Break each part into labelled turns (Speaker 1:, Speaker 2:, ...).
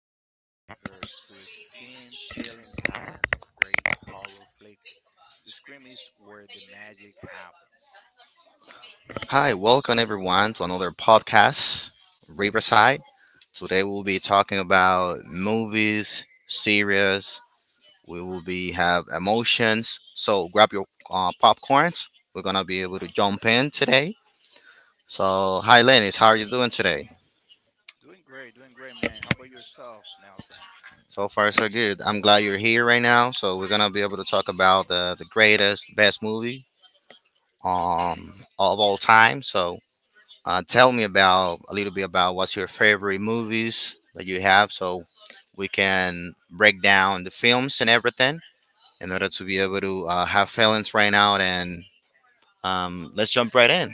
Speaker 1: Marvel Universe to the spin chilling silence of great horror flick, the scream is where the magic happens.
Speaker 2: Hi, welcome everyone to another podcast, Riverside. Today we'll be talking about movies, series. We will be have emotions. So grab your popcorns. We're gonna be able to jump in today. So hi, Lenny. How are you doing today?
Speaker 1: Doing great, man. How about yourself, Nelson?
Speaker 2: So far, so good. I'm glad you're here right now. So we're gonna be able to talk about the greatest, best movie of all time. So tell me about a little bit about what's your favorite movies that you have, so we can break down the films and everything in order to be able to have feelings right now. And let's jump right in.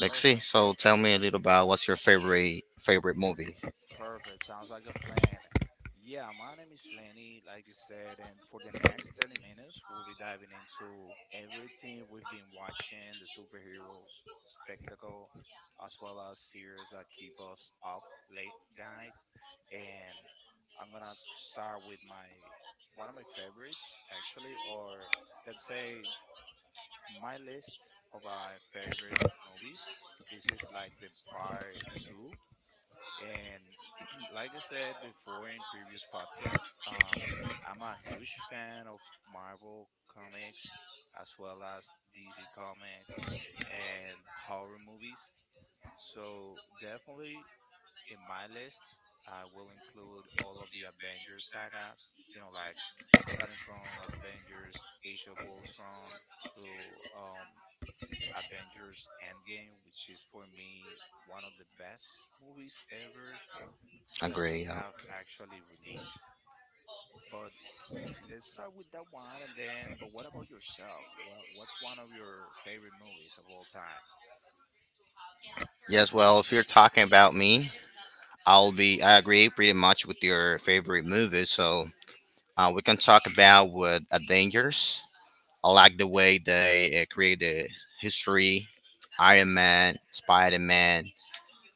Speaker 2: Let's see.
Speaker 1: Perfect,
Speaker 2: So tell
Speaker 1: perfect.
Speaker 2: me a little about what's your favorite movie.
Speaker 1: Perfect. Sounds like a plan. Yeah, my name is Lenny, like you said, and for the next 30 minutes, we'll be diving into everything we've been watching, the superheroes spectacle, as well as series that keep us up late night. And I'm gonna start with my one of my favorites, actually, or let's say my list of my favorite movies. This is like the part two and like I said before in previous podcasts, I'm a huge fan of Marvel comics as well as DC comics and horror movies. So definitely in my list, I will include all of the Avengers saga. You know, like starting from Avengers: Age of Ultron to Avengers: Endgame, which is for me one of the best movies ever that they
Speaker 2: Agree. Yeah.
Speaker 1: have actually released. But let's start with that one, and then. But what about yourself? What's one of your favorite movies of all time?
Speaker 2: Yes. Well, if you're talking about me, I'll be. I agree pretty much with your favorite movie. So we can talk about with a dangers. I like the way they create the history. Iron Man, Spider Man,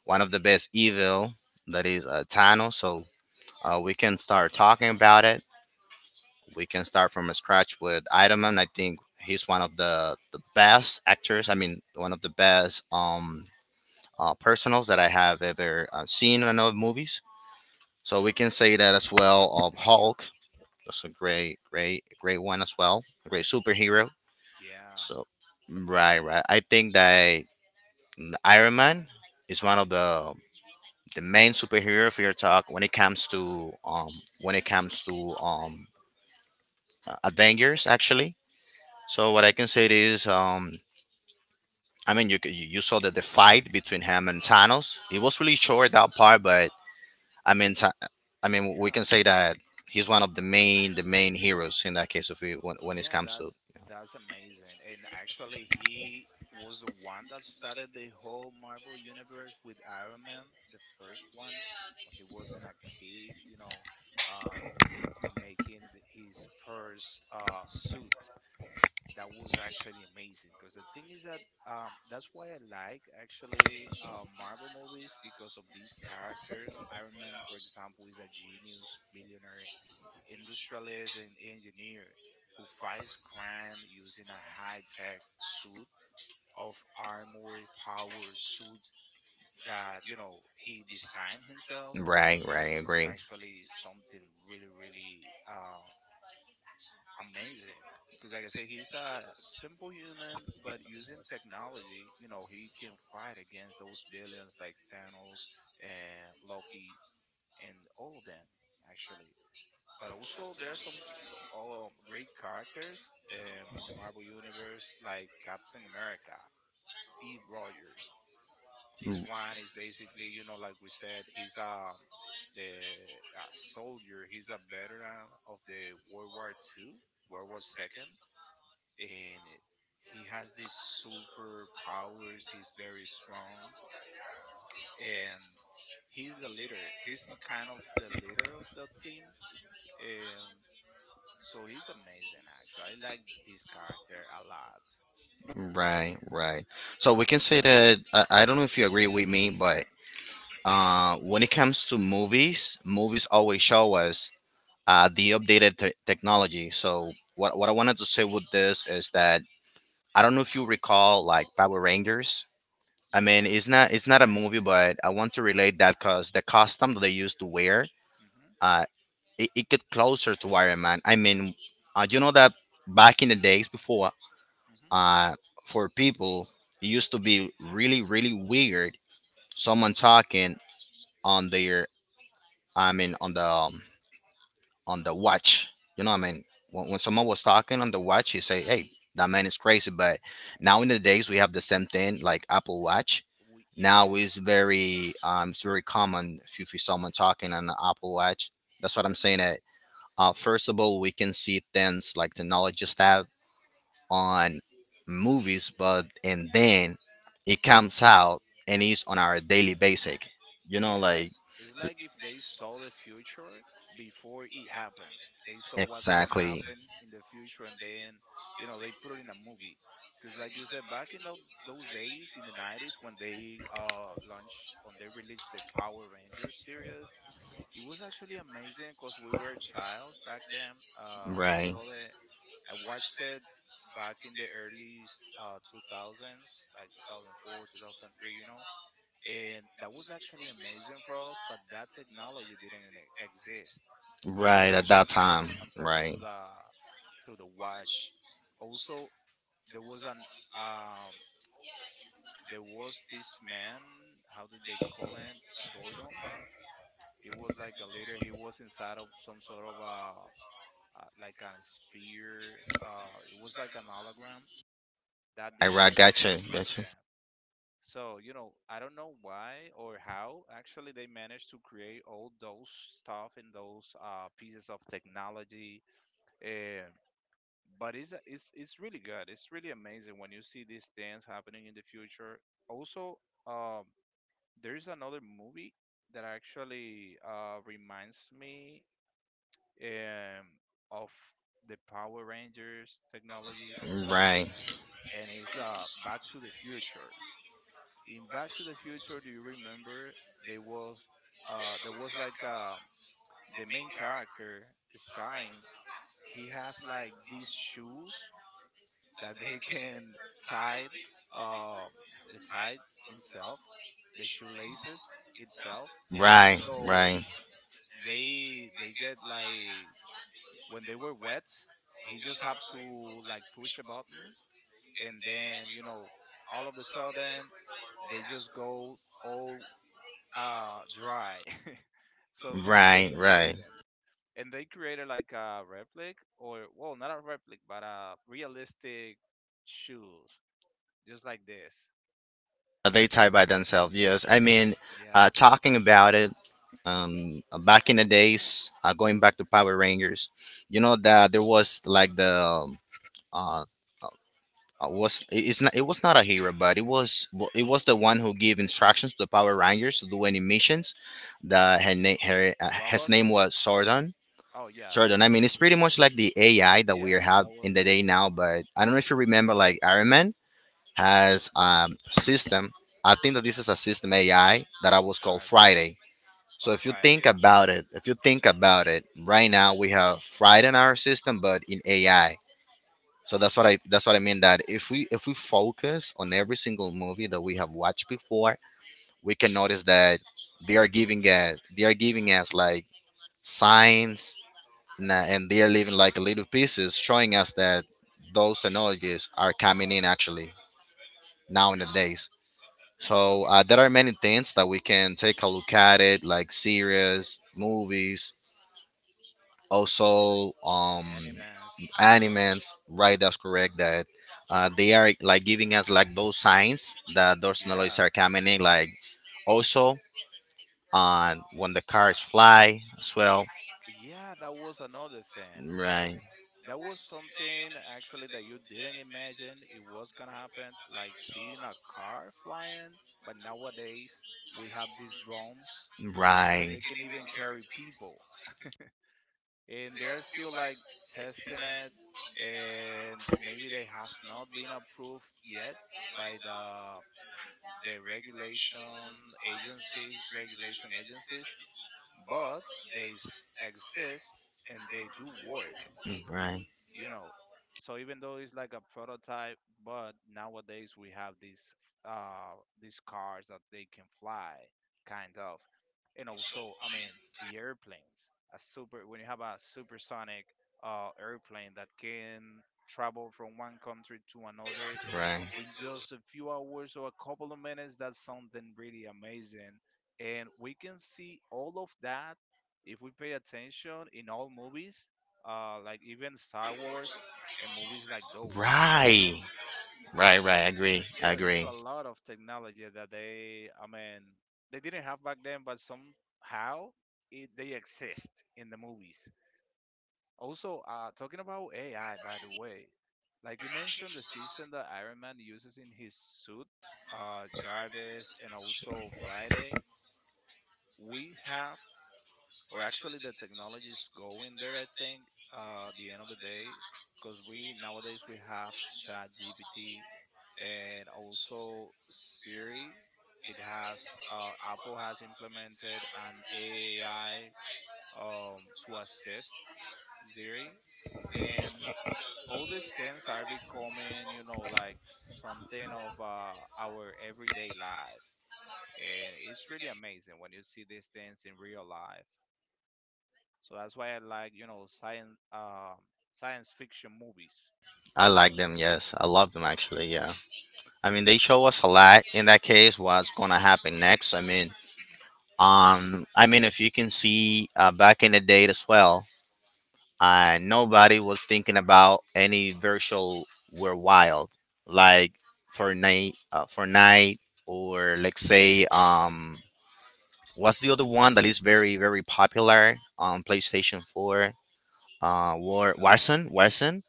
Speaker 2: one of the best evil that is Thanos. So we can start talking about it. We can start from scratch with Iron Man. I think he's one of the best actors. I mean, one of the best personals that I have ever seen in other movies. So we can say that as well of Hulk. That's a great one as well. A great superhero.
Speaker 1: Yeah,
Speaker 2: So right, right. I think that the Iron Man is one of the main superhero for your talk when it comes to when it comes to um Avengers actually. So what I can say is I mean you saw that the fight between him and Thanos. It was really short that part, but I mean Tha- I mean we
Speaker 1: yeah,
Speaker 2: can say that he's one of the main heroes in that case if we when it
Speaker 1: yeah.
Speaker 2: comes
Speaker 1: That
Speaker 2: to
Speaker 1: that's amazing. And actually, he was the one that started the whole Marvel universe with Iron Man, the first one, when he was in a cave. You know, uh, making his first suit. That was actually amazing, because the thing is that that's why I like, actually, Marvel movies, because of these characters. Iron Man, for example, is a genius, billionaire, industrialist, and engineer who fights crime using a high-tech suit of armor power suit that, you know, he designed himself.
Speaker 2: right
Speaker 1: And
Speaker 2: right
Speaker 1: this is
Speaker 2: agree.
Speaker 1: actually something really, really, amazing, because like I say, he's a simple human, but using technology, you know, he can fight against those villains like Thanos and Loki and all of them, actually. But also there are some great characters in the Marvel universe, like Captain America, Steve Rogers. This one is basically, you know, like we said, he's the soldier. He's a veteran of the World War Two, World War Second, and he has these super powers. He's very strong, and he's the leader. He's kind of the leader of the team, um, so he's amazing. Actually, I like his character a lot.
Speaker 2: Right, right. So we can say that I don't know if you agree with me, but when it comes to movies, movies always show us the updated technology. So what I wanted to say with this is that I don't know if you recall like Power Rangers. I mean,
Speaker 1: Yeah, for
Speaker 2: it's
Speaker 1: the
Speaker 2: not a
Speaker 1: '90s.
Speaker 2: movie, but I want to relate that because the costume that they used to wear,
Speaker 1: Mm-hmm,
Speaker 2: uh, it get closer to Iron Man. I mean, you know that back in the days before
Speaker 1: mm-hmm.
Speaker 2: uh, for people it used to be really weird someone talking on their i mean on the um, on the watch, you know what I mean, when someone was talking on the watch you say hey that man is crazy, but now in the days we have the same thing like Apple Watch.
Speaker 1: We,
Speaker 2: Now
Speaker 1: yeah.
Speaker 2: is very it's very common if you see someone talking on the Apple Watch. That's what I'm saying that first of all we can see things like the knowledge stuff on movies, but and then it comes out and it's on our daily basic. You know,
Speaker 1: Yeah,
Speaker 2: like
Speaker 1: it's like if they saw the future before it happens. They saw what's gonna
Speaker 2: exactly
Speaker 1: happen in the future, and then you know they put it in a movie. Because, like you said, those days in the '90s, when they released the Power Rangers series, it was actually amazing. Cause we were child back then. I
Speaker 2: right,
Speaker 1: saw the I watched it back in the early 2000s, like 2004, 2003. You know, and that was actually amazing for us. But that technology didn't exist. What you
Speaker 2: right at that
Speaker 1: mentioned, like
Speaker 2: time,
Speaker 1: someone talking to
Speaker 2: right.
Speaker 1: the through the watch. Also, there was an um, there was this man. How did they call him? Sordom. He was like a leader. He was inside of some sort of a, like a sphere. It was like an hologram that
Speaker 2: I
Speaker 1: didn't
Speaker 2: right, gotcha,
Speaker 1: exist back
Speaker 2: gotcha.
Speaker 1: then. So, you know, I don't know why or how actually they managed to create all those stuff and those, pieces of technology. Uh, but it's really good. It's really amazing when you see these things happening in the future. Also, um, there's another movie that actually, reminds me, um, of the Power Rangers technologies and stuff,
Speaker 2: Right,
Speaker 1: and it's, Back to the Future. In Back to the Future, do you remember there was there was the main character starring. He has like these shoes that they can tie, uh the tie itself, the shoelaces itself, and
Speaker 2: right,
Speaker 1: also
Speaker 2: right,
Speaker 1: they get like, when they were wet, he just have to like push a button, and then, you know, all of a sudden they just go all dry. So this was
Speaker 2: right, right.
Speaker 1: amazing, and they created like a replic, or well, not a replic, but a realistic shoes just like this.
Speaker 2: They tie by themselves. Yes, I mean,
Speaker 1: Yeah,
Speaker 2: talking about it. Back in the days, going back to Power Rangers, you know that there was like the uh, it's not it was not a hero, but it was the one who gave instructions to the Power Rangers to do any missions. That her name her
Speaker 1: the
Speaker 2: his
Speaker 1: robot.
Speaker 2: name was Sordon.
Speaker 1: Oh yeah,
Speaker 2: Sordon. I
Speaker 1: smart.
Speaker 2: mean, it's pretty much like the AI that we
Speaker 1: Yeah, no,
Speaker 2: have
Speaker 1: that was
Speaker 2: in the day now. But I don't know if you remember, like Iron Man has system. I think that this is a system AI that I was called
Speaker 1: uh,
Speaker 2: Friday. So
Speaker 1: oh,
Speaker 2: if you
Speaker 1: Friday,
Speaker 2: think
Speaker 1: yeah.
Speaker 2: about it, if you think about it, right now we have Friday in our system, but in
Speaker 1: Hmm.
Speaker 2: AI. So that's what I mean that if we focus on every single movie that we have watched before, we can notice that they are giving us like signs and they are leaving like little pieces showing us that those technologies are coming in actually now in the days. So there are many things that we can take a look at it like series, movies, also
Speaker 1: Animes.
Speaker 2: animals right that's correct that they are like giving us like those signs that those technologies
Speaker 1: Yeah.
Speaker 2: are coming in like also when the cars fly as well
Speaker 1: Yeah, that was another thing.
Speaker 2: right
Speaker 1: That was something, actually, that you didn't imagine it was gonna happen, like seeing a car flying. But nowadays we have these drones that
Speaker 2: right
Speaker 1: they can even carry people, and they're still like testing it, and maybe they has not been approved yet by the regulation agencies, but exist, and they do work,
Speaker 2: right
Speaker 1: you know. So even though it's like a prototype, but nowadays we have these, uh these cars that they can fly, kind of. And also, I mean, the airplanes a super when you have a supersonic airplane that can travel from one country to another
Speaker 2: right
Speaker 1: in just a few hours, or a couple of minutes. That's something really amazing. And we can see all of that if we pay attention in all movies, like even Star Wars and movies like those.
Speaker 2: right right right, I agree, I
Speaker 1: Yeah, there's
Speaker 2: agree.
Speaker 1: a lot of technology that they, I mean, they didn't have back then, but somehow it, they exist in the movies. Also, talking about AI, by the way, like you mentioned, the system that Iron Man uses in his suit, Jarvis, and also Friday, we have, or actually the technology is going there, I think, the end of the day, because we nowadays we have Chat GPT and also Siri. It has, Apple has implemented an AI, to assist Siri. And all these things are becoming, you know, like something of, our everyday life. And it's really amazing when you see these things in real life. So that's why I like, you know, science fiction movies.
Speaker 2: I like them, yes, I love them actually, yeah. I mean they show us a lot in that case what's gonna happen next. I mean if you can see back in the day as well and nobody was thinking about any virtual were wild like for night, or let's say what's the other one that is very very popular on playstation 4,
Speaker 1: Um,
Speaker 2: warson,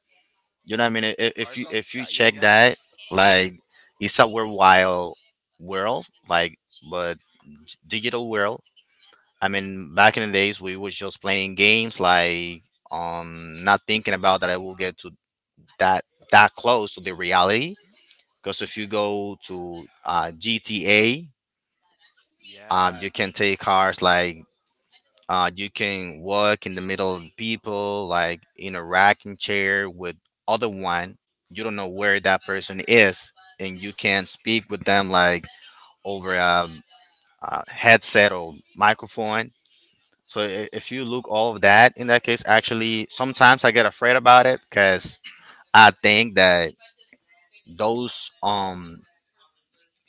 Speaker 2: you know what I mean. If you
Speaker 1: Warzone?
Speaker 2: if you
Speaker 1: Yeah, yeah,
Speaker 2: check
Speaker 1: yeah.
Speaker 2: that like it's a were wild world, like but digital world. I mean back in the days we was just playing games like not thinking about that I will get to that that close to the reality.
Speaker 1: Hmm.
Speaker 2: Because if you go to GTA,
Speaker 1: Yeah.
Speaker 2: you can take cars like you can walk in the middle of people, like in a rocking chair with other one. You don't know where that person is, and you can speak with them like over a headset or microphone. So if you look all of that in that case, actually, sometimes I get afraid about it because I think that those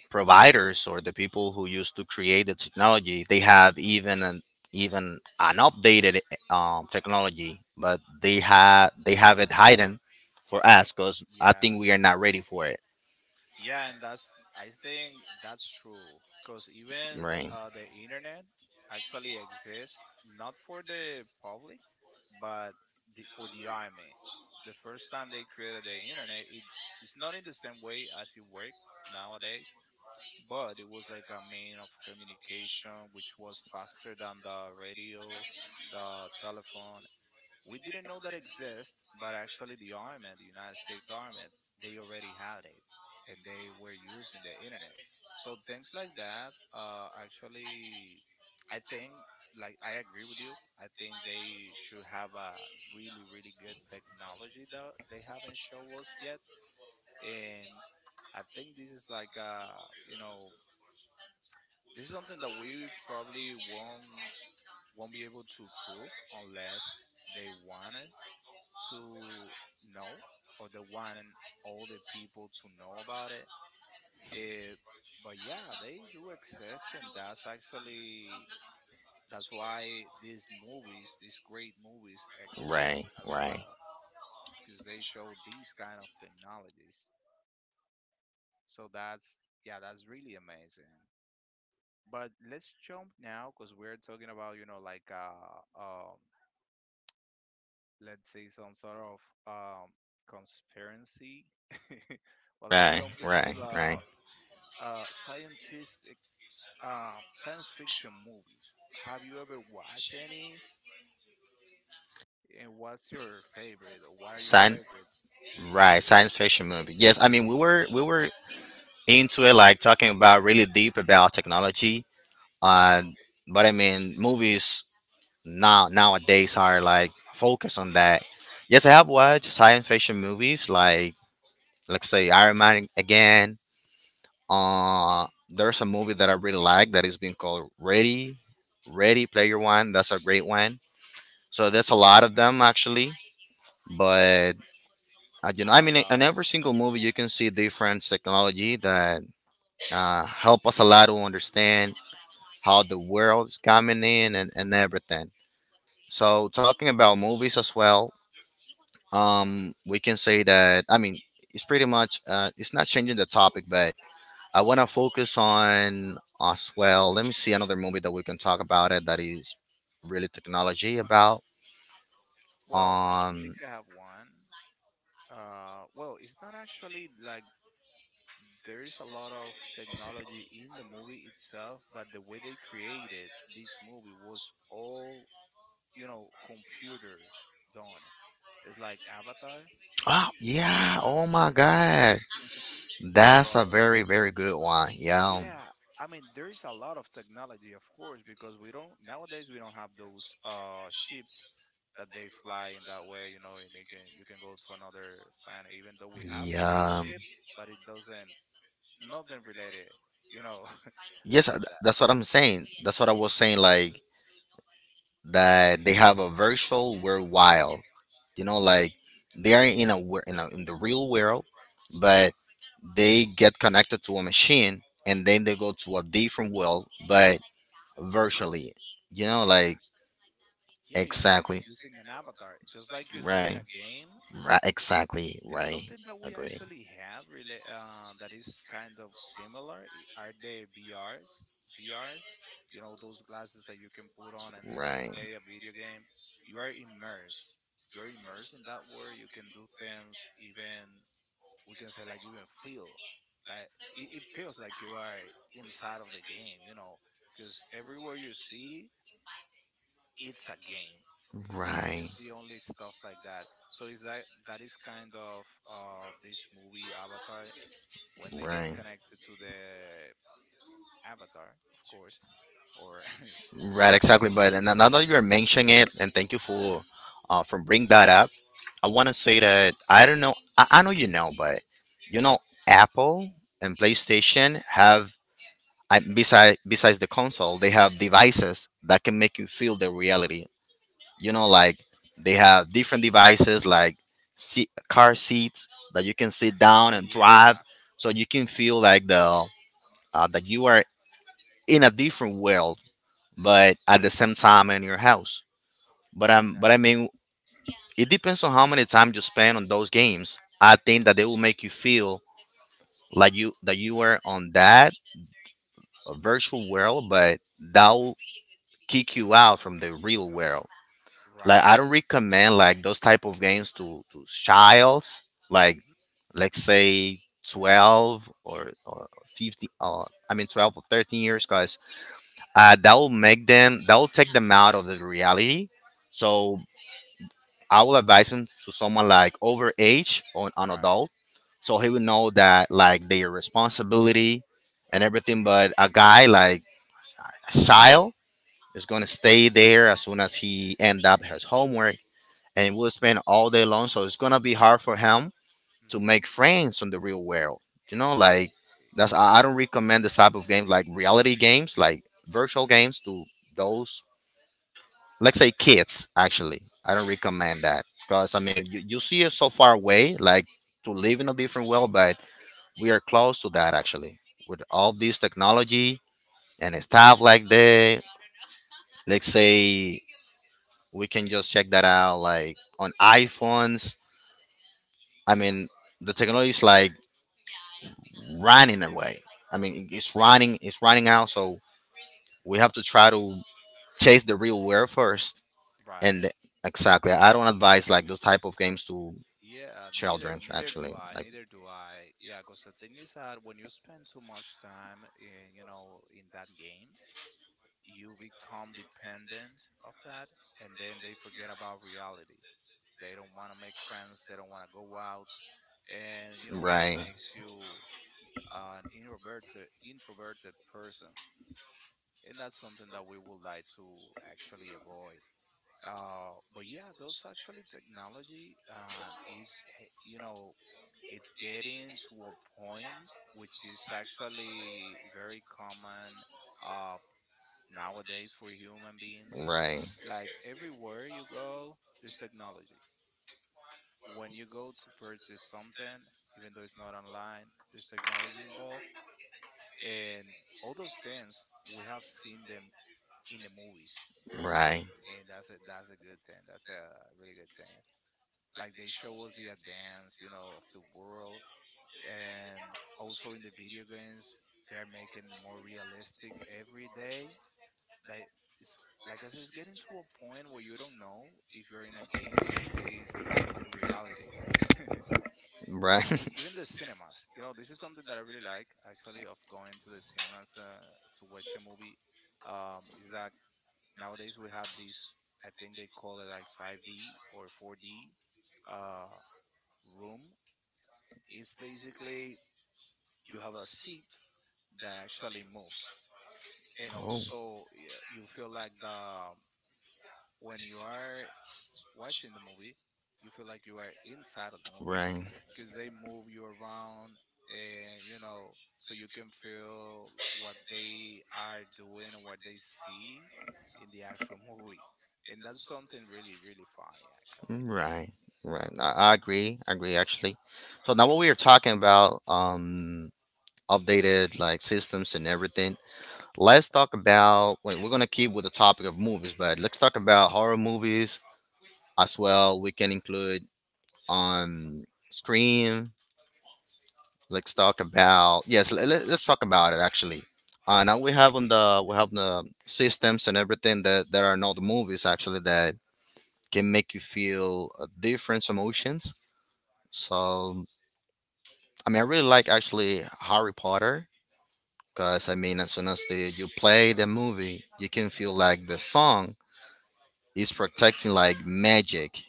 Speaker 2: providers or the people who used to create the technology they have even an updated technology, but
Speaker 1: Oh,
Speaker 2: they have it hidden for us because I
Speaker 1: yeah.
Speaker 2: think we are not ready for it,
Speaker 1: Yeah, and that's I think that's true, because even,
Speaker 2: right
Speaker 1: the internet actually exists not for the public, but for the army. The first time they created the internet, it, it's not in the same way as it work nowadays, but it was like a mean of communication which was faster than the radio, the telephone. We didn't know that exist, but actually the army, the United States Army, they already had it, and they were using the internet. So things like that, actually, I think, like I agree with you. I think they should have a really, really good technology that they haven't shown us yet, and I think this is like, you know, this is something that we probably won't be able to prove unless they want it to know, or the one, all the people to know about it. Eh, but yeah, they do exist, and that's why these movies, these great movies, exist
Speaker 2: right
Speaker 1: as
Speaker 2: right
Speaker 1: well, because they show these kind of technologies. So that's yeah, that's really amazing. But let's jump now, because we're talking about, you know, like let's say some sort of um conspiracy. Well, let's
Speaker 2: right
Speaker 1: jump into
Speaker 2: right
Speaker 1: the Uh, scientific, science fiction movies. Have you ever watched any? And what's your favorite, or what are your
Speaker 2: science
Speaker 1: favorite?
Speaker 2: right science fiction movie. Yes I mean we were into it like talking about really deep about technology. uh but I mean movies nowadays are like focused on that. Yes, I have watched science fiction movies like let's say Iron Man again. There's a movie that I really like that is being called Ready Player One. That's a great one. So there's a lot of them actually. But you know, I mean, in
Speaker 1: Avatar.
Speaker 2: every single movie you can see different technology that help us a lot to understand how the world is coming in and everything. So talking about movies as well, we can say that I mean it's pretty much it's not changing the topic, but I want to focus on as well let me see another movie that we can talk about it that is really technology about
Speaker 1: Well, I
Speaker 2: um
Speaker 1: think I have one. Well, it's not actually like there's a lot of technology in the movie itself, but the way they created this movie was all, you know, computer done. It's like Avatar.
Speaker 2: oh
Speaker 1: You watch that
Speaker 2: yeah,
Speaker 1: one,
Speaker 2: oh my god, that's
Speaker 1: bro.
Speaker 2: a very very good one, yeah,
Speaker 1: Yeah, I mean, there's a lot of technology, of course, because we don't nowadays we don't have those ships that they fly in that way, you know, and they can you can go to another planet, even though we have
Speaker 2: yeah.
Speaker 1: spaceships, but it doesn't, nothing related, you know,
Speaker 2: Yes
Speaker 1: with that.
Speaker 2: that's what I'm saying, that's what I was saying like that they have a virtual world wild. You know like they are in a in the real world, but they get connected to a machine and then they go to a different world, but virtually, you know like
Speaker 1: Exactly. Yeah, using
Speaker 2: exactly
Speaker 1: using an avatar, just like you do in
Speaker 2: right
Speaker 1: a game.
Speaker 2: right exactly
Speaker 1: And
Speaker 2: right
Speaker 1: something that we
Speaker 2: agree
Speaker 1: actually have really, that is kind of similar, are the VRs, VRs. You know those glasses that you can put on and you can
Speaker 2: right
Speaker 1: play a video game. You are immersed. You are immersed in that world. You can do things. Even we can say like even feel like it feels like you are inside of the game. You know, because everywhere you see, it's a game
Speaker 2: right
Speaker 1: usually only stuff like that. So is that that is kind of, this movie Avatar, when they get
Speaker 2: right.
Speaker 1: connected to the, Avatar, of course, or
Speaker 2: Right, exactly.
Speaker 1: That's how
Speaker 2: But
Speaker 1: we
Speaker 2: and now
Speaker 1: call
Speaker 2: that
Speaker 1: it.
Speaker 2: you're mentioning it, and thank you for bring that up. I want to say that I don't know. I know you know, but you know, Apple and PlayStation have I, besides the console, they have devices that can make you feel the reality. You know, like they have different devices like seat, car seats that you can sit down
Speaker 1: Oh
Speaker 2: and drive,
Speaker 1: yeah,
Speaker 2: so you can feel like the that you are in a different world, but at the same time in your house, but I
Speaker 1: exactly.
Speaker 2: mean, it depends on how many time you spend on those games. I think that they will make you feel like you that you are on that virtual world, but that will kick you out from the real world. Like I
Speaker 1: Right.
Speaker 2: don't recommend like those type of games to childs. Like
Speaker 1: Hmm.
Speaker 2: let's say 12 or 50. I mean 12 or 13 years, guys. That will make them. That will take them out of the reality. So I will advise him to someone like over age or an
Speaker 1: Right.
Speaker 2: adult, so he will know that like their responsibility and everything. But a guy like a child is gonna stay there as soon as he end up his homework, and will spend all day long. So it's gonna be hard for him to
Speaker 1: Hmm.
Speaker 2: make friends in the real world. Like that's I don't recommend this type of games like reality games, like virtual games to those, let's say, kids actually. I don't recommend that because, I mean, you see it so far away, like to live in a different world. But we are close to that actually, with all this technology and stuff like that. Let's say we can just check that out, like on iPhones. I mean, the technology is like running away. I mean, it's running out. So we have to try to chase the real world first.
Speaker 1: Right.
Speaker 2: And exactly, I don't advise like those type of games to
Speaker 1: Yeah,
Speaker 2: children's actually, like.
Speaker 1: neither do I. Yeah, because the thing is that when you spend too much time in, in that game, you become dependent of that, and then they forget about reality. They don't want to make friends, they don't want to go out, and you know that
Speaker 2: Right,
Speaker 1: makes you an introverted person. And that's something that we would like to actually avoid. But yeah, those actually technology, it's he- you know it's getting to a point which is actually very common uh, nowadays for human beings.
Speaker 2: right,
Speaker 1: Like everywhere you go, there's technology. When you go to purchase something, even though it's not online, there's technology involved. And all those things, we have seen them in the movies.
Speaker 2: right,
Speaker 1: And that's a good thing. That's a really good thing. Like they show us the advance, you know, of the world. And also in the video games, they're making it more realistic every day. Like it's like I said, it's getting to a point where you don't know if you're in a game or if it is reality. And
Speaker 2: right.
Speaker 1: even the cinemas, you know, this is something that I really like actually, of going to the cinemas to watch a movie. Is that nowadays we have these, I think they call it like 5D or 4D uh, room. It's basically you have a seat that actually moves, and
Speaker 2: Oh,
Speaker 1: also yeah, you feel like the when you are watching the movie, you feel like you are inside of the movie,
Speaker 2: right,
Speaker 1: because they move you around, and you know, so you can feel what they are doing and what they see in the actual movie. And that's something really, really funny, actually.
Speaker 2: right, right. I agree actually. So now what we are talking about, updated like systems and everything, let's talk about. Wait, we're gonna keep with the topic of movies, but let's talk about horror movies as well. We can include on Scream. Let's talk about. Yes. Let's talk about it actually. Now we have, on the we have the systems and everything, that are not movies actually, that can make you feel different emotions. So, I mean, I really like actually Harry Potter, because I mean, as soon as you play the movie, you can feel like the song is protecting, like magic.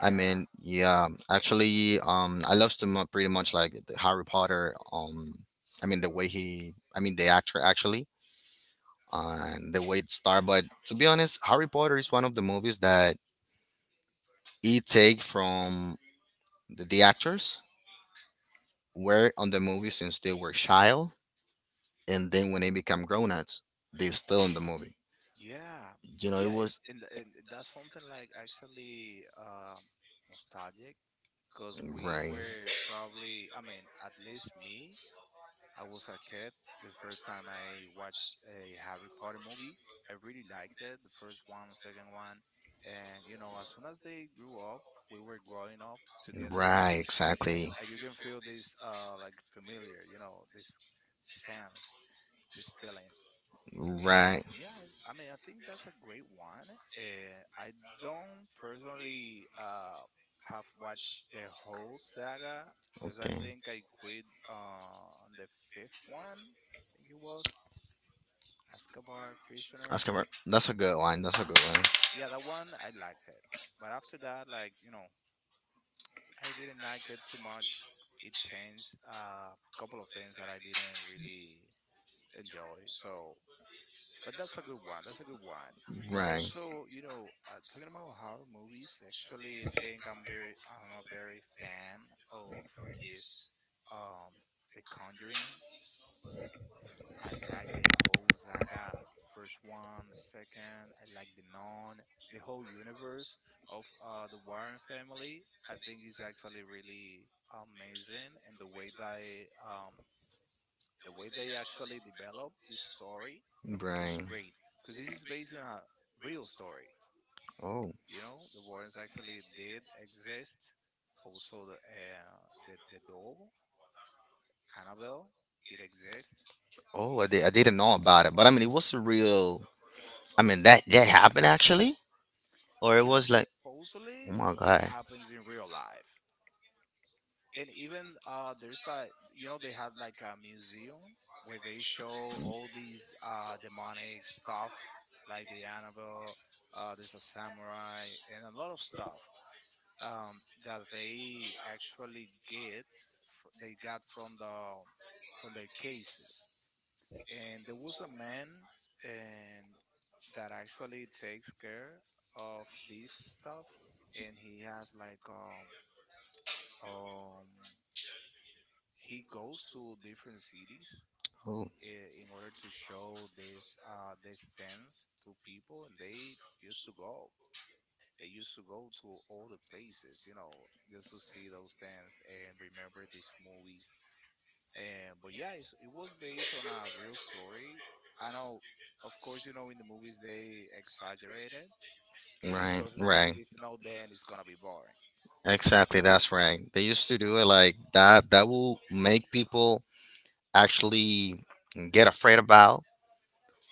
Speaker 2: I mean, yeah, actually, I love pretty much like the Harry Potter. I mean the way he, I mean the actor actually, and the way it started. But to be honest, Harry Potter is one of the movies that he take from the actors, were on the movie since they were child, and then when they become grown ups, they still in the movie.
Speaker 1: yeah,
Speaker 2: You know, it
Speaker 1: yeah. It,
Speaker 2: was.
Speaker 1: and, and that's something like actually nostalgic, because we
Speaker 2: Right,
Speaker 1: were probably, I mean, at least me, I was a kid. The first time I watched a Harry Potter movie, I really liked it. The first one, the second one, and you know, as soon as they grew up, we were growing up together.
Speaker 2: right, exactly,
Speaker 1: Like you can feel this, like familiar, you know, this sense, this feeling. And
Speaker 2: right.
Speaker 1: yeah, I mean, I think that's a great one. I don't personally have watched the whole saga, because I
Speaker 2: Okay.
Speaker 1: think I quit on the fifth one. I think it was Escobar Prisoner.
Speaker 2: Oscar, that's a good line. That's a good line.
Speaker 1: Yeah, that one I liked it, but after that, like you know, I didn't like it too much. It changed a couple of things that I didn't really enjoy. So, but that's a good one. That's a good one. But
Speaker 2: Right.
Speaker 1: also, you know, talking about horror movies, actually, I think I'm very, I'm a very fan of this, um, The Conjuring. I like the whole saga, first one, the second. I like the non, the whole universe of the Warren family. I think is actually really amazing, and the way they actually develop the story was
Speaker 2: Right.
Speaker 1: great, because this is based on a real story.
Speaker 2: Oh,
Speaker 1: You know, the Warrens actually did exist. Also, the the doll Annabelle, it exists.
Speaker 2: oh, I did. I didn't know about it, but I mean, it was a real. I mean, that happened actually, or it
Speaker 1: Yeah,
Speaker 2: was like, oh
Speaker 1: supposedly
Speaker 2: my
Speaker 1: it
Speaker 2: god.
Speaker 1: happens in real life. And even there's a, you know, they had like a museum where they show all these demonic stuff like the Annabelle. There's a samurai and a lot of stuff, that they actually they got from the from their cases. And there was a man and that actually takes care of this stuff, and he has like um he goes to different cities
Speaker 2: Oh,
Speaker 1: in order to show this these things to people, and they used to go. They used to go to all the places, you know, just to see those dance and remember these movies. And but yeah, it was based on a real story. I know, of course, you know, in the movies they exaggerated
Speaker 2: right,
Speaker 1: because
Speaker 2: right,
Speaker 1: if not, then it's gonna be boring.
Speaker 2: exactly. That's right. They used to do it like that. That will make people actually get afraid about.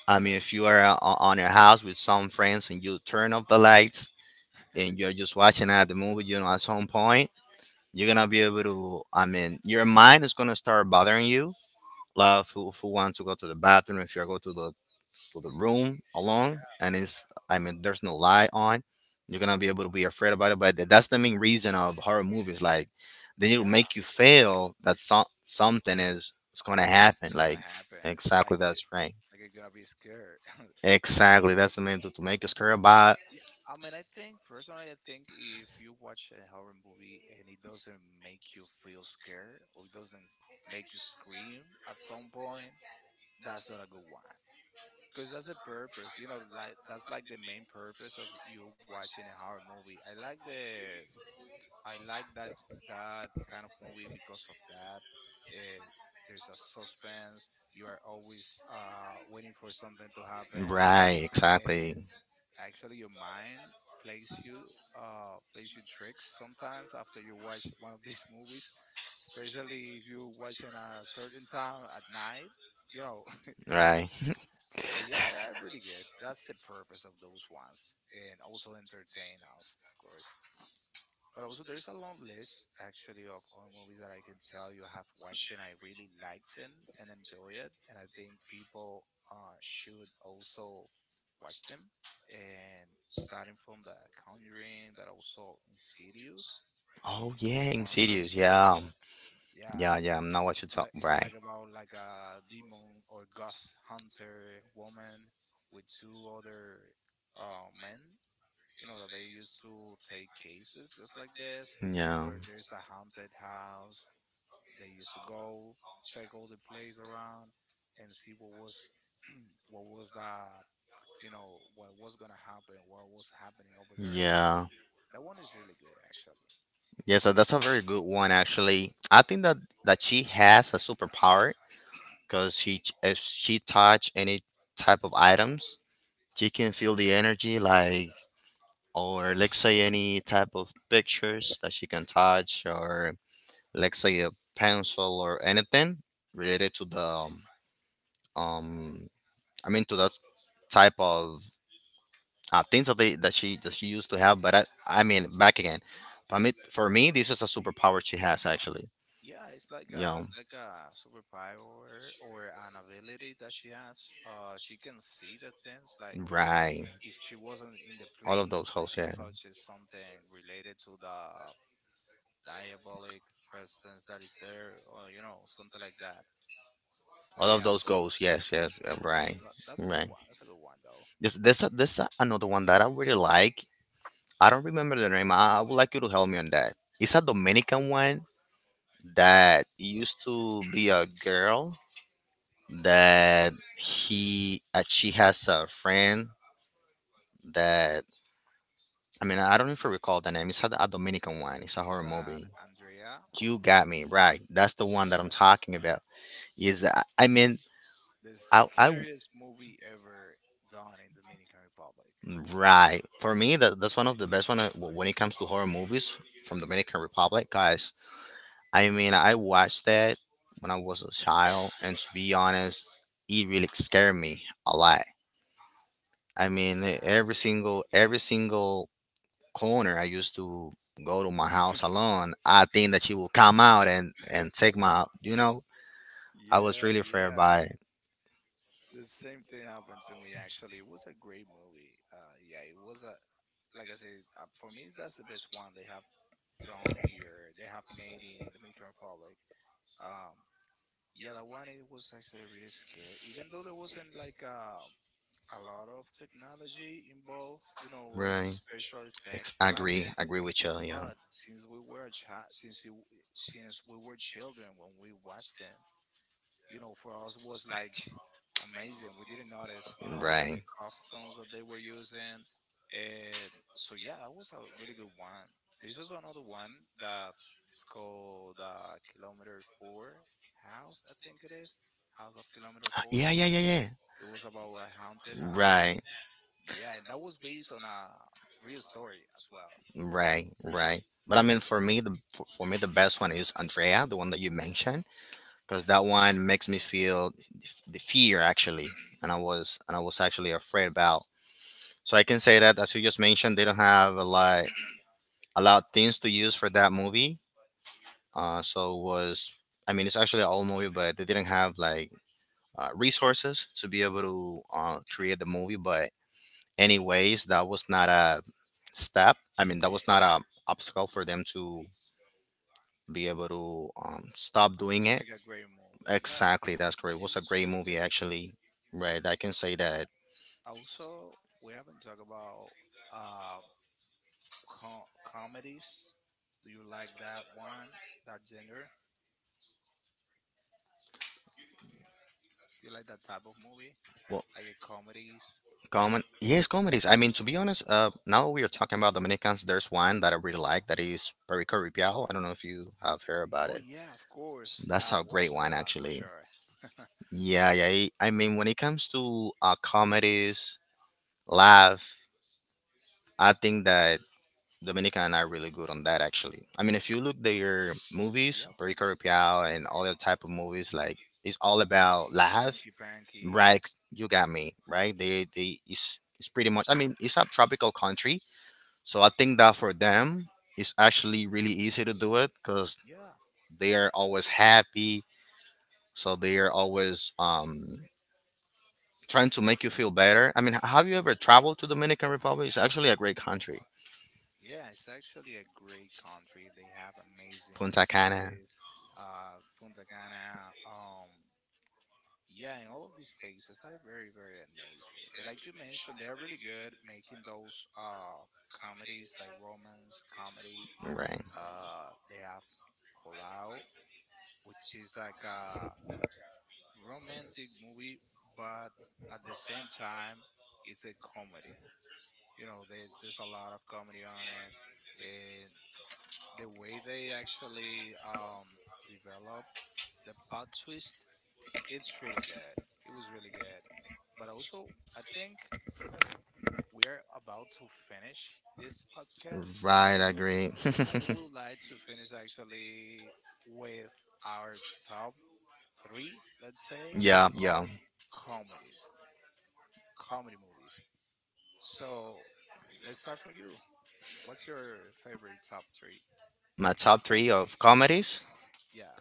Speaker 2: I mean, if you are, on your house with some friends and you turn off the lights and you're just watching at the movie, at some point you're gonna be able to. I mean, your mind is gonna start bothering you, love who want to go to the bathroom. If you go to the room
Speaker 1: Yeah,
Speaker 2: alone, and it's, I mean, there's no light on. You're gonna be able to be afraid about it, but that's the main reason of horror movies, like they need to
Speaker 1: yeah,
Speaker 2: make you feel that something is gonna happen,
Speaker 1: it's
Speaker 2: like.
Speaker 1: gonna happen. Like
Speaker 2: Exactly,
Speaker 1: you,
Speaker 2: that's right.
Speaker 1: like you're gonna be scared.
Speaker 2: Exactly, that's the main, to make you scared about.
Speaker 1: Yeah, I mean, I think personally, I think if you watch a horror movie and it doesn't make you feel scared or it doesn't make you scream at some point, that's not a good one, because that's the purpose, you know, like that's like the main purpose of you watching a horror movie. I like the, I like that, that kind of movie because of that. uh, there's a suspense, you are always waiting for something to happen,
Speaker 2: Right,
Speaker 1: and
Speaker 2: exactly,
Speaker 1: actually your mind plays you plays you tricks sometimes after you watch one of these movies, especially if you watch in a certain time at night, you know.
Speaker 2: right.
Speaker 1: But yeah, they're really good. That's the purpose of those ones, and also entertain us, of course. But also, there's a long list actually of all movies that I can tell you I have watched and I really liked them and enjoy it. And I think people should also watch them. And starting from The Conjuring, but also Insidious,
Speaker 2: Oh
Speaker 1: those
Speaker 2: yeah,
Speaker 1: ones are
Speaker 2: insidious,
Speaker 1: really
Speaker 2: yeah,
Speaker 1: good. Yeah,
Speaker 2: yeah, yeah. Now what you talk,
Speaker 1: like it's
Speaker 2: right.
Speaker 1: like about like a demon or ghost hunter woman with two other men. You know that they used to take cases just like this,
Speaker 2: Yeah,
Speaker 1: where there's a haunted house. They used to go check all the place around and see what was the, you know, what was gonna happen, what was happening over there.
Speaker 2: yeah.
Speaker 1: That one is really good actually.
Speaker 2: Yes,
Speaker 1: It's
Speaker 2: that-
Speaker 1: a
Speaker 2: that's a
Speaker 1: really good.
Speaker 2: very good one actually. I think that she has a superpower, because if she touch any type of items, she can feel the energy, like, or let's say any type of pictures that she can touch, or let's say a pencil or anything related to the um, I mean to that type of things that she used to have. But I mean back again. I mean, for me, this is a superpower she has actually.
Speaker 1: Yeah, it's like a,
Speaker 2: Yeah.
Speaker 1: it's like a superpower or an ability that she has. She can see the things like,
Speaker 2: Right.
Speaker 1: if she wasn't in the
Speaker 2: All of
Speaker 1: place
Speaker 2: those
Speaker 1: when
Speaker 2: hosts,
Speaker 1: she
Speaker 2: yeah.
Speaker 1: touches something related to the diabolic presence that is there, or you know, something like that.
Speaker 2: All of
Speaker 1: Yeah,
Speaker 2: those
Speaker 1: so
Speaker 2: goals, yes, yes, right,
Speaker 1: that, that's a good
Speaker 2: right.
Speaker 1: one. That's a good one though.
Speaker 2: This another one that I really like. I don't remember the name. I would like you to help me on that. It's a Dominican one that used to be a girl that, she has a friend that, I mean, I don't know if I recall the name. It's a Dominican one. It's a horror
Speaker 1: It's an
Speaker 2: movie.
Speaker 1: Andrea,
Speaker 2: You got me right. That's the one that I'm talking about. Is that, I mean,
Speaker 1: the
Speaker 2: I
Speaker 1: scariest movie ever done in Dominican Republic.
Speaker 2: Right. For me, that's one of the best one, when it comes to horror movies from Dominican Republic, guys. I mean, I watched that when I was a child, and to be honest, it really scared me a lot. I mean, e-
Speaker 1: Yeah.
Speaker 2: every single every single corner I used to go to my house alone, I think that she will come out, and take my. I was
Speaker 1: Yeah,
Speaker 2: really afraid
Speaker 1: yeah.
Speaker 2: by it.
Speaker 1: The same thing happened to me actually. It was a great movie. Yeah, it was a like I said, for me that's the best one they have done here. They have made in Dominican Republic. Um, yeah, that one it was actually really scary. Even though there wasn't like a lot of technology involved, you know, and
Speaker 2: Right.
Speaker 1: special effects
Speaker 2: Ex-
Speaker 1: back.
Speaker 2: agree, agree with you. Yeah.
Speaker 1: But since we were a child, since we were children when we watched them, you know, for us was like amazing. We didn't notice, you know, even
Speaker 2: Right.
Speaker 1: the costumes that they were using. And so, yeah, that was a really good one. There's also another one that's called Kilometer 4 House, I think it is. House of Kilometer 4.
Speaker 2: Yeah, yeah, yeah, yeah.
Speaker 1: It was about a haunted house.
Speaker 2: Right,
Speaker 1: Yeah, and that was based on a real story as well,
Speaker 2: right, right. But I mean, for me, for me, the best one is Andrea, the one that you mentioned, because that one makes me feel the fear actually, and I was actually afraid about. So I can say that, as you just mentioned, they don't have a lot things to use for that movie. So it was, I mean, it's actually an old movie, but they didn't have like resources to be able to create the movie. But anyways, that was not a step. I mean, that was not a obstacle for them to be able to stop doing
Speaker 1: to
Speaker 2: it.
Speaker 1: make a great movie. Yeah,
Speaker 2: Exactly, that's
Speaker 1: no,
Speaker 2: correct. It
Speaker 1: it
Speaker 2: was a
Speaker 1: was
Speaker 2: great
Speaker 1: really
Speaker 2: movie
Speaker 1: good.
Speaker 2: actually. Right, I can say that.
Speaker 1: Also, we haven't talked about uh, comedies? Do you like that one, that genre? You like that type of movie,
Speaker 2: Well,
Speaker 1: like a comedies?
Speaker 2: common, yes, comedies. I mean, to be honest, now we are talking about Dominicans. There's one that I really like that is Perico Ripial. I don't know if you have heard about
Speaker 1: Oh
Speaker 2: it.
Speaker 1: yeah, of course.
Speaker 2: That's
Speaker 1: I've
Speaker 2: a great
Speaker 1: watched that
Speaker 2: one,
Speaker 1: one for
Speaker 2: actually.
Speaker 1: sure.
Speaker 2: Yeah, yeah. I mean, when it comes to comedies, laugh. I think that Dominica and I are really good on that actually. I mean if you look their movies,
Speaker 1: Yep,
Speaker 2: Perico Piao and all that type of movies, like, it's all about laugh.
Speaker 1: Frankie Panky.
Speaker 2: Right, you got me, right? They it's pretty much, I mean, it's a tropical country. So I think that for them it's actually really easy to do it, because
Speaker 1: Yeah,
Speaker 2: they are always happy. So they are always trying to make you feel better. I mean, have you ever traveled to Dominican Republic? It's actually a great country.
Speaker 1: yeah. It's actually a great country. They have amazing
Speaker 2: Punta Cana.
Speaker 1: beaches, Punta Cana. Yeah, and all of these places are very, very amazing. And like you mentioned, they are really good making those comedies, like romance comedies.
Speaker 2: Right.
Speaker 1: They have Colau, which is like a romantic movie, but at the same time, it's a comedy. You know, there's a lot of comedy on it, and the way they actually develop the plot twist, it's really good. It was really good. But also, I think we are about to finish this podcast,
Speaker 2: Right, I
Speaker 1: and
Speaker 2: agree.
Speaker 1: I would like to finish actually with our top three, let's say,
Speaker 2: Yeah,
Speaker 1: of
Speaker 2: yeah.
Speaker 1: comedies, comedy movies. So let's start from you. What's your favorite top three?
Speaker 2: My top three of comedies.
Speaker 1: Yeah,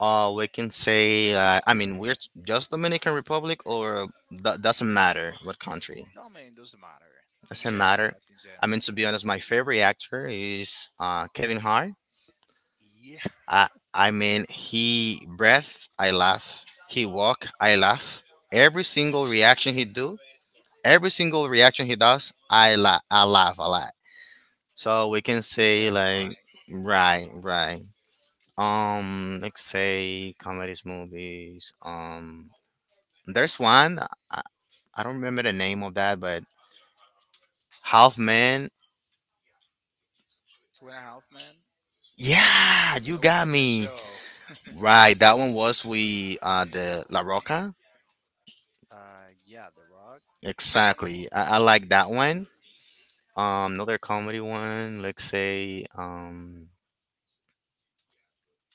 Speaker 2: We can say, I mean, we're just Dominican Republic, or that doesn't matter what country.
Speaker 1: no, I mean, doesn't matter in
Speaker 2: Doesn't
Speaker 1: general,
Speaker 2: matter.
Speaker 1: like in
Speaker 2: I mean,
Speaker 1: general.
Speaker 2: to be honest, my favorite actor is Kevin Hart.
Speaker 1: Yeah,
Speaker 2: I I mean, he breath, I laugh. He walk, I laugh. Every single reaction he do, every single reaction he does, I laugh a lot. So we can
Speaker 1: it's
Speaker 2: say
Speaker 1: very
Speaker 2: like,
Speaker 1: funny.
Speaker 2: right, right. Let's say comedies, movies. There's one. I, I don't remember the name of that, but Half Man.
Speaker 1: Two and a Half Men,
Speaker 2: Yeah, you
Speaker 1: that was
Speaker 2: got
Speaker 1: like a
Speaker 2: me.
Speaker 1: show.
Speaker 2: Right, that one was, we the La Roca.
Speaker 1: Yeah, The Rock.
Speaker 2: Exactly. I like that one. Another comedy one, let's say,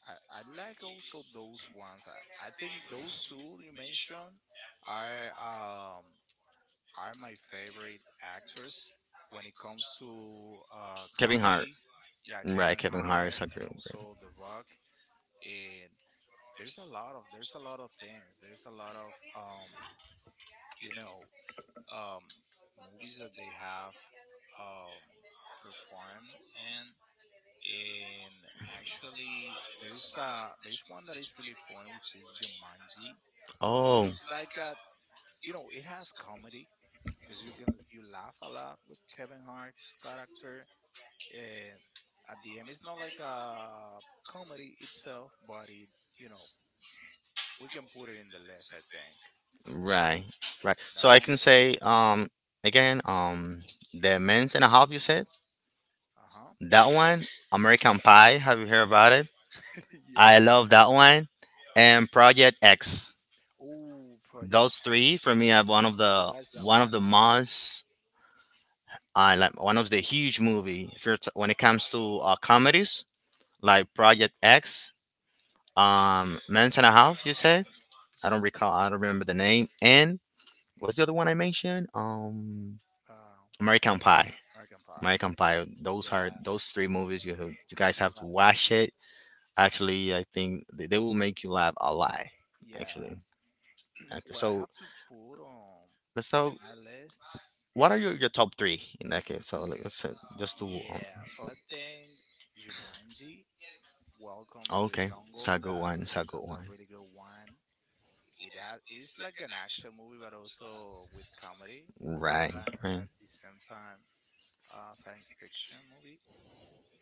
Speaker 1: I like also those ones. I think those two you mentioned are um are my favorite actors when it comes to
Speaker 2: Kevin Hart.
Speaker 1: comedy. Yeah,
Speaker 2: Right,
Speaker 1: Kevin
Speaker 2: Kevin Hart
Speaker 1: Hart
Speaker 2: is a
Speaker 1: and
Speaker 2: great.
Speaker 1: also The Rock. And there's a lot of, there's a lot of things. There's a lot of you know um, movies that they have um, performed, and actually there's a, there's one that is really fun, which is Jumanji.
Speaker 2: Oh,
Speaker 1: It's like a, you know, it has comedy because you can, you laugh a lot with Kevin Hart's character. And at the end, it's not like a comedy itself, but it, you know, we can put it in the list, I think.
Speaker 2: right, right.
Speaker 1: And
Speaker 2: So
Speaker 1: that
Speaker 2: I
Speaker 1: one,
Speaker 2: can say, again, the men's and a half you said,
Speaker 1: uh huh.
Speaker 2: that one, American Pie. Have you heard about it?
Speaker 1: Yeah.
Speaker 2: I love that one, and Project X.
Speaker 1: Oh, Project
Speaker 2: Those three
Speaker 1: X.
Speaker 2: for me are one of
Speaker 1: I
Speaker 2: the
Speaker 1: watched that
Speaker 2: one of
Speaker 1: one
Speaker 2: the
Speaker 1: as well.
Speaker 2: most, I like one of the huge movie. If you're t- When it comes to comedies like Project X, Men's and a Half, you said? I don't recall, I don't remember the name. And what's the other one I mentioned?
Speaker 1: Uh,
Speaker 2: American Pie.
Speaker 1: American Pie.
Speaker 2: American Pie. Those are
Speaker 1: Yeah.
Speaker 2: those three movies you guys have to
Speaker 1: But
Speaker 2: watch it. Actually, I think they will make you laugh a lot.
Speaker 1: yeah.
Speaker 2: Actually,
Speaker 1: Well, I
Speaker 2: so
Speaker 1: have to put on
Speaker 2: let's talk.
Speaker 1: my list.
Speaker 2: What are your top three in that case? So like, let's, just do.
Speaker 1: Yeah. So I think Jumanji Welcome to the
Speaker 2: Okay, it's a
Speaker 1: Jungle.
Speaker 2: good one.
Speaker 1: That's
Speaker 2: It's a good
Speaker 1: a
Speaker 2: one.
Speaker 1: really good one. It has, it's like an action movie, but also with comedy and all of
Speaker 2: Right,
Speaker 1: that
Speaker 2: right.
Speaker 1: at the same time. Science fiction movie.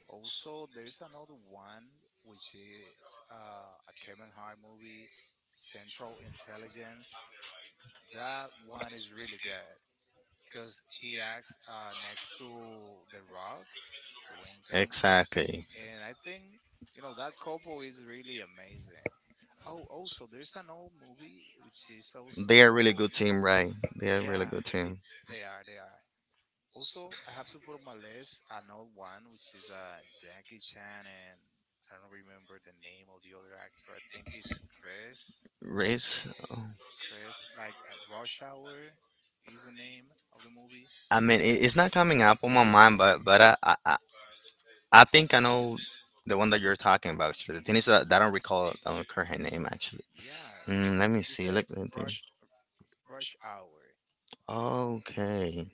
Speaker 1: Also, there's another one which is a Kevin Hart movie, Central Intelligence. That one is really good because he acts next to The Rock, Dwayne Johnson,
Speaker 2: Exactly.
Speaker 1: and I think you know that couple is really amazing. Oh, also there's an old movie which is
Speaker 2: They are really
Speaker 1: also,
Speaker 2: good team, right? They are really
Speaker 1: yeah,
Speaker 2: good
Speaker 1: they
Speaker 2: team.
Speaker 1: they are, they are. Also, I have to put on my list an old one which is Jackie Chan and I don't remember the name of the other actor. I think it's Chris,
Speaker 2: Race. Oh,
Speaker 1: Rush Hour is the name of the movie.
Speaker 2: I mean, it's not coming up on my mind, but I think I know the one that you're talking about. Actually, the thing is that I don't recall. I don't recall her name actually.
Speaker 1: Yeah,
Speaker 2: Mm, let me
Speaker 1: it's
Speaker 2: see.
Speaker 1: a
Speaker 2: Look.
Speaker 1: rush rush hour.
Speaker 2: Okay.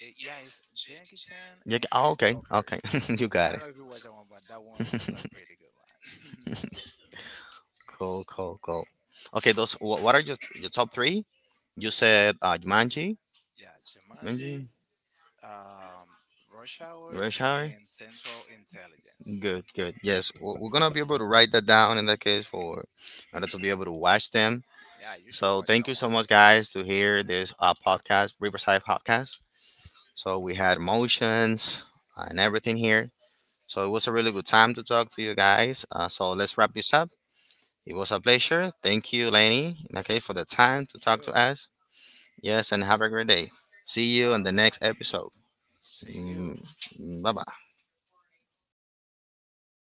Speaker 1: It, yeah, it's Jackie Chan
Speaker 2: Yeah,
Speaker 1: and Chris
Speaker 2: okay.
Speaker 1: Tucker.
Speaker 2: Okay. You
Speaker 1: I
Speaker 2: got
Speaker 1: don't
Speaker 2: it.
Speaker 1: know if you watched that one, but that one was a really good one.
Speaker 2: Cool, cool, cool. Okay. What are your top three? You said Jumanji,
Speaker 1: Yeah, Jumanji,
Speaker 2: Jumanji,
Speaker 1: um, Rush Hour,
Speaker 2: Rush Hour.
Speaker 1: and Central Intelligence.
Speaker 2: Good, good. Yes, we're gonna be able to write that down in that case, for in order to be able to watch them.
Speaker 1: Yeah, you should
Speaker 2: So
Speaker 1: watch
Speaker 2: thank
Speaker 1: that
Speaker 2: you so
Speaker 1: one.
Speaker 2: much, guys, to hear this podcast, Riverside Podcast. So we had emotions and everything here. So it was a really good time to talk to you guys. So let's wrap this up. It was a pleasure. Thank you, Lenny, okay, for the time to talk to
Speaker 1: Cool.
Speaker 2: us. Yes, and have a great day. See you on the
Speaker 1: All
Speaker 2: next
Speaker 1: right.
Speaker 2: episode.
Speaker 1: See you.
Speaker 2: Bye bye.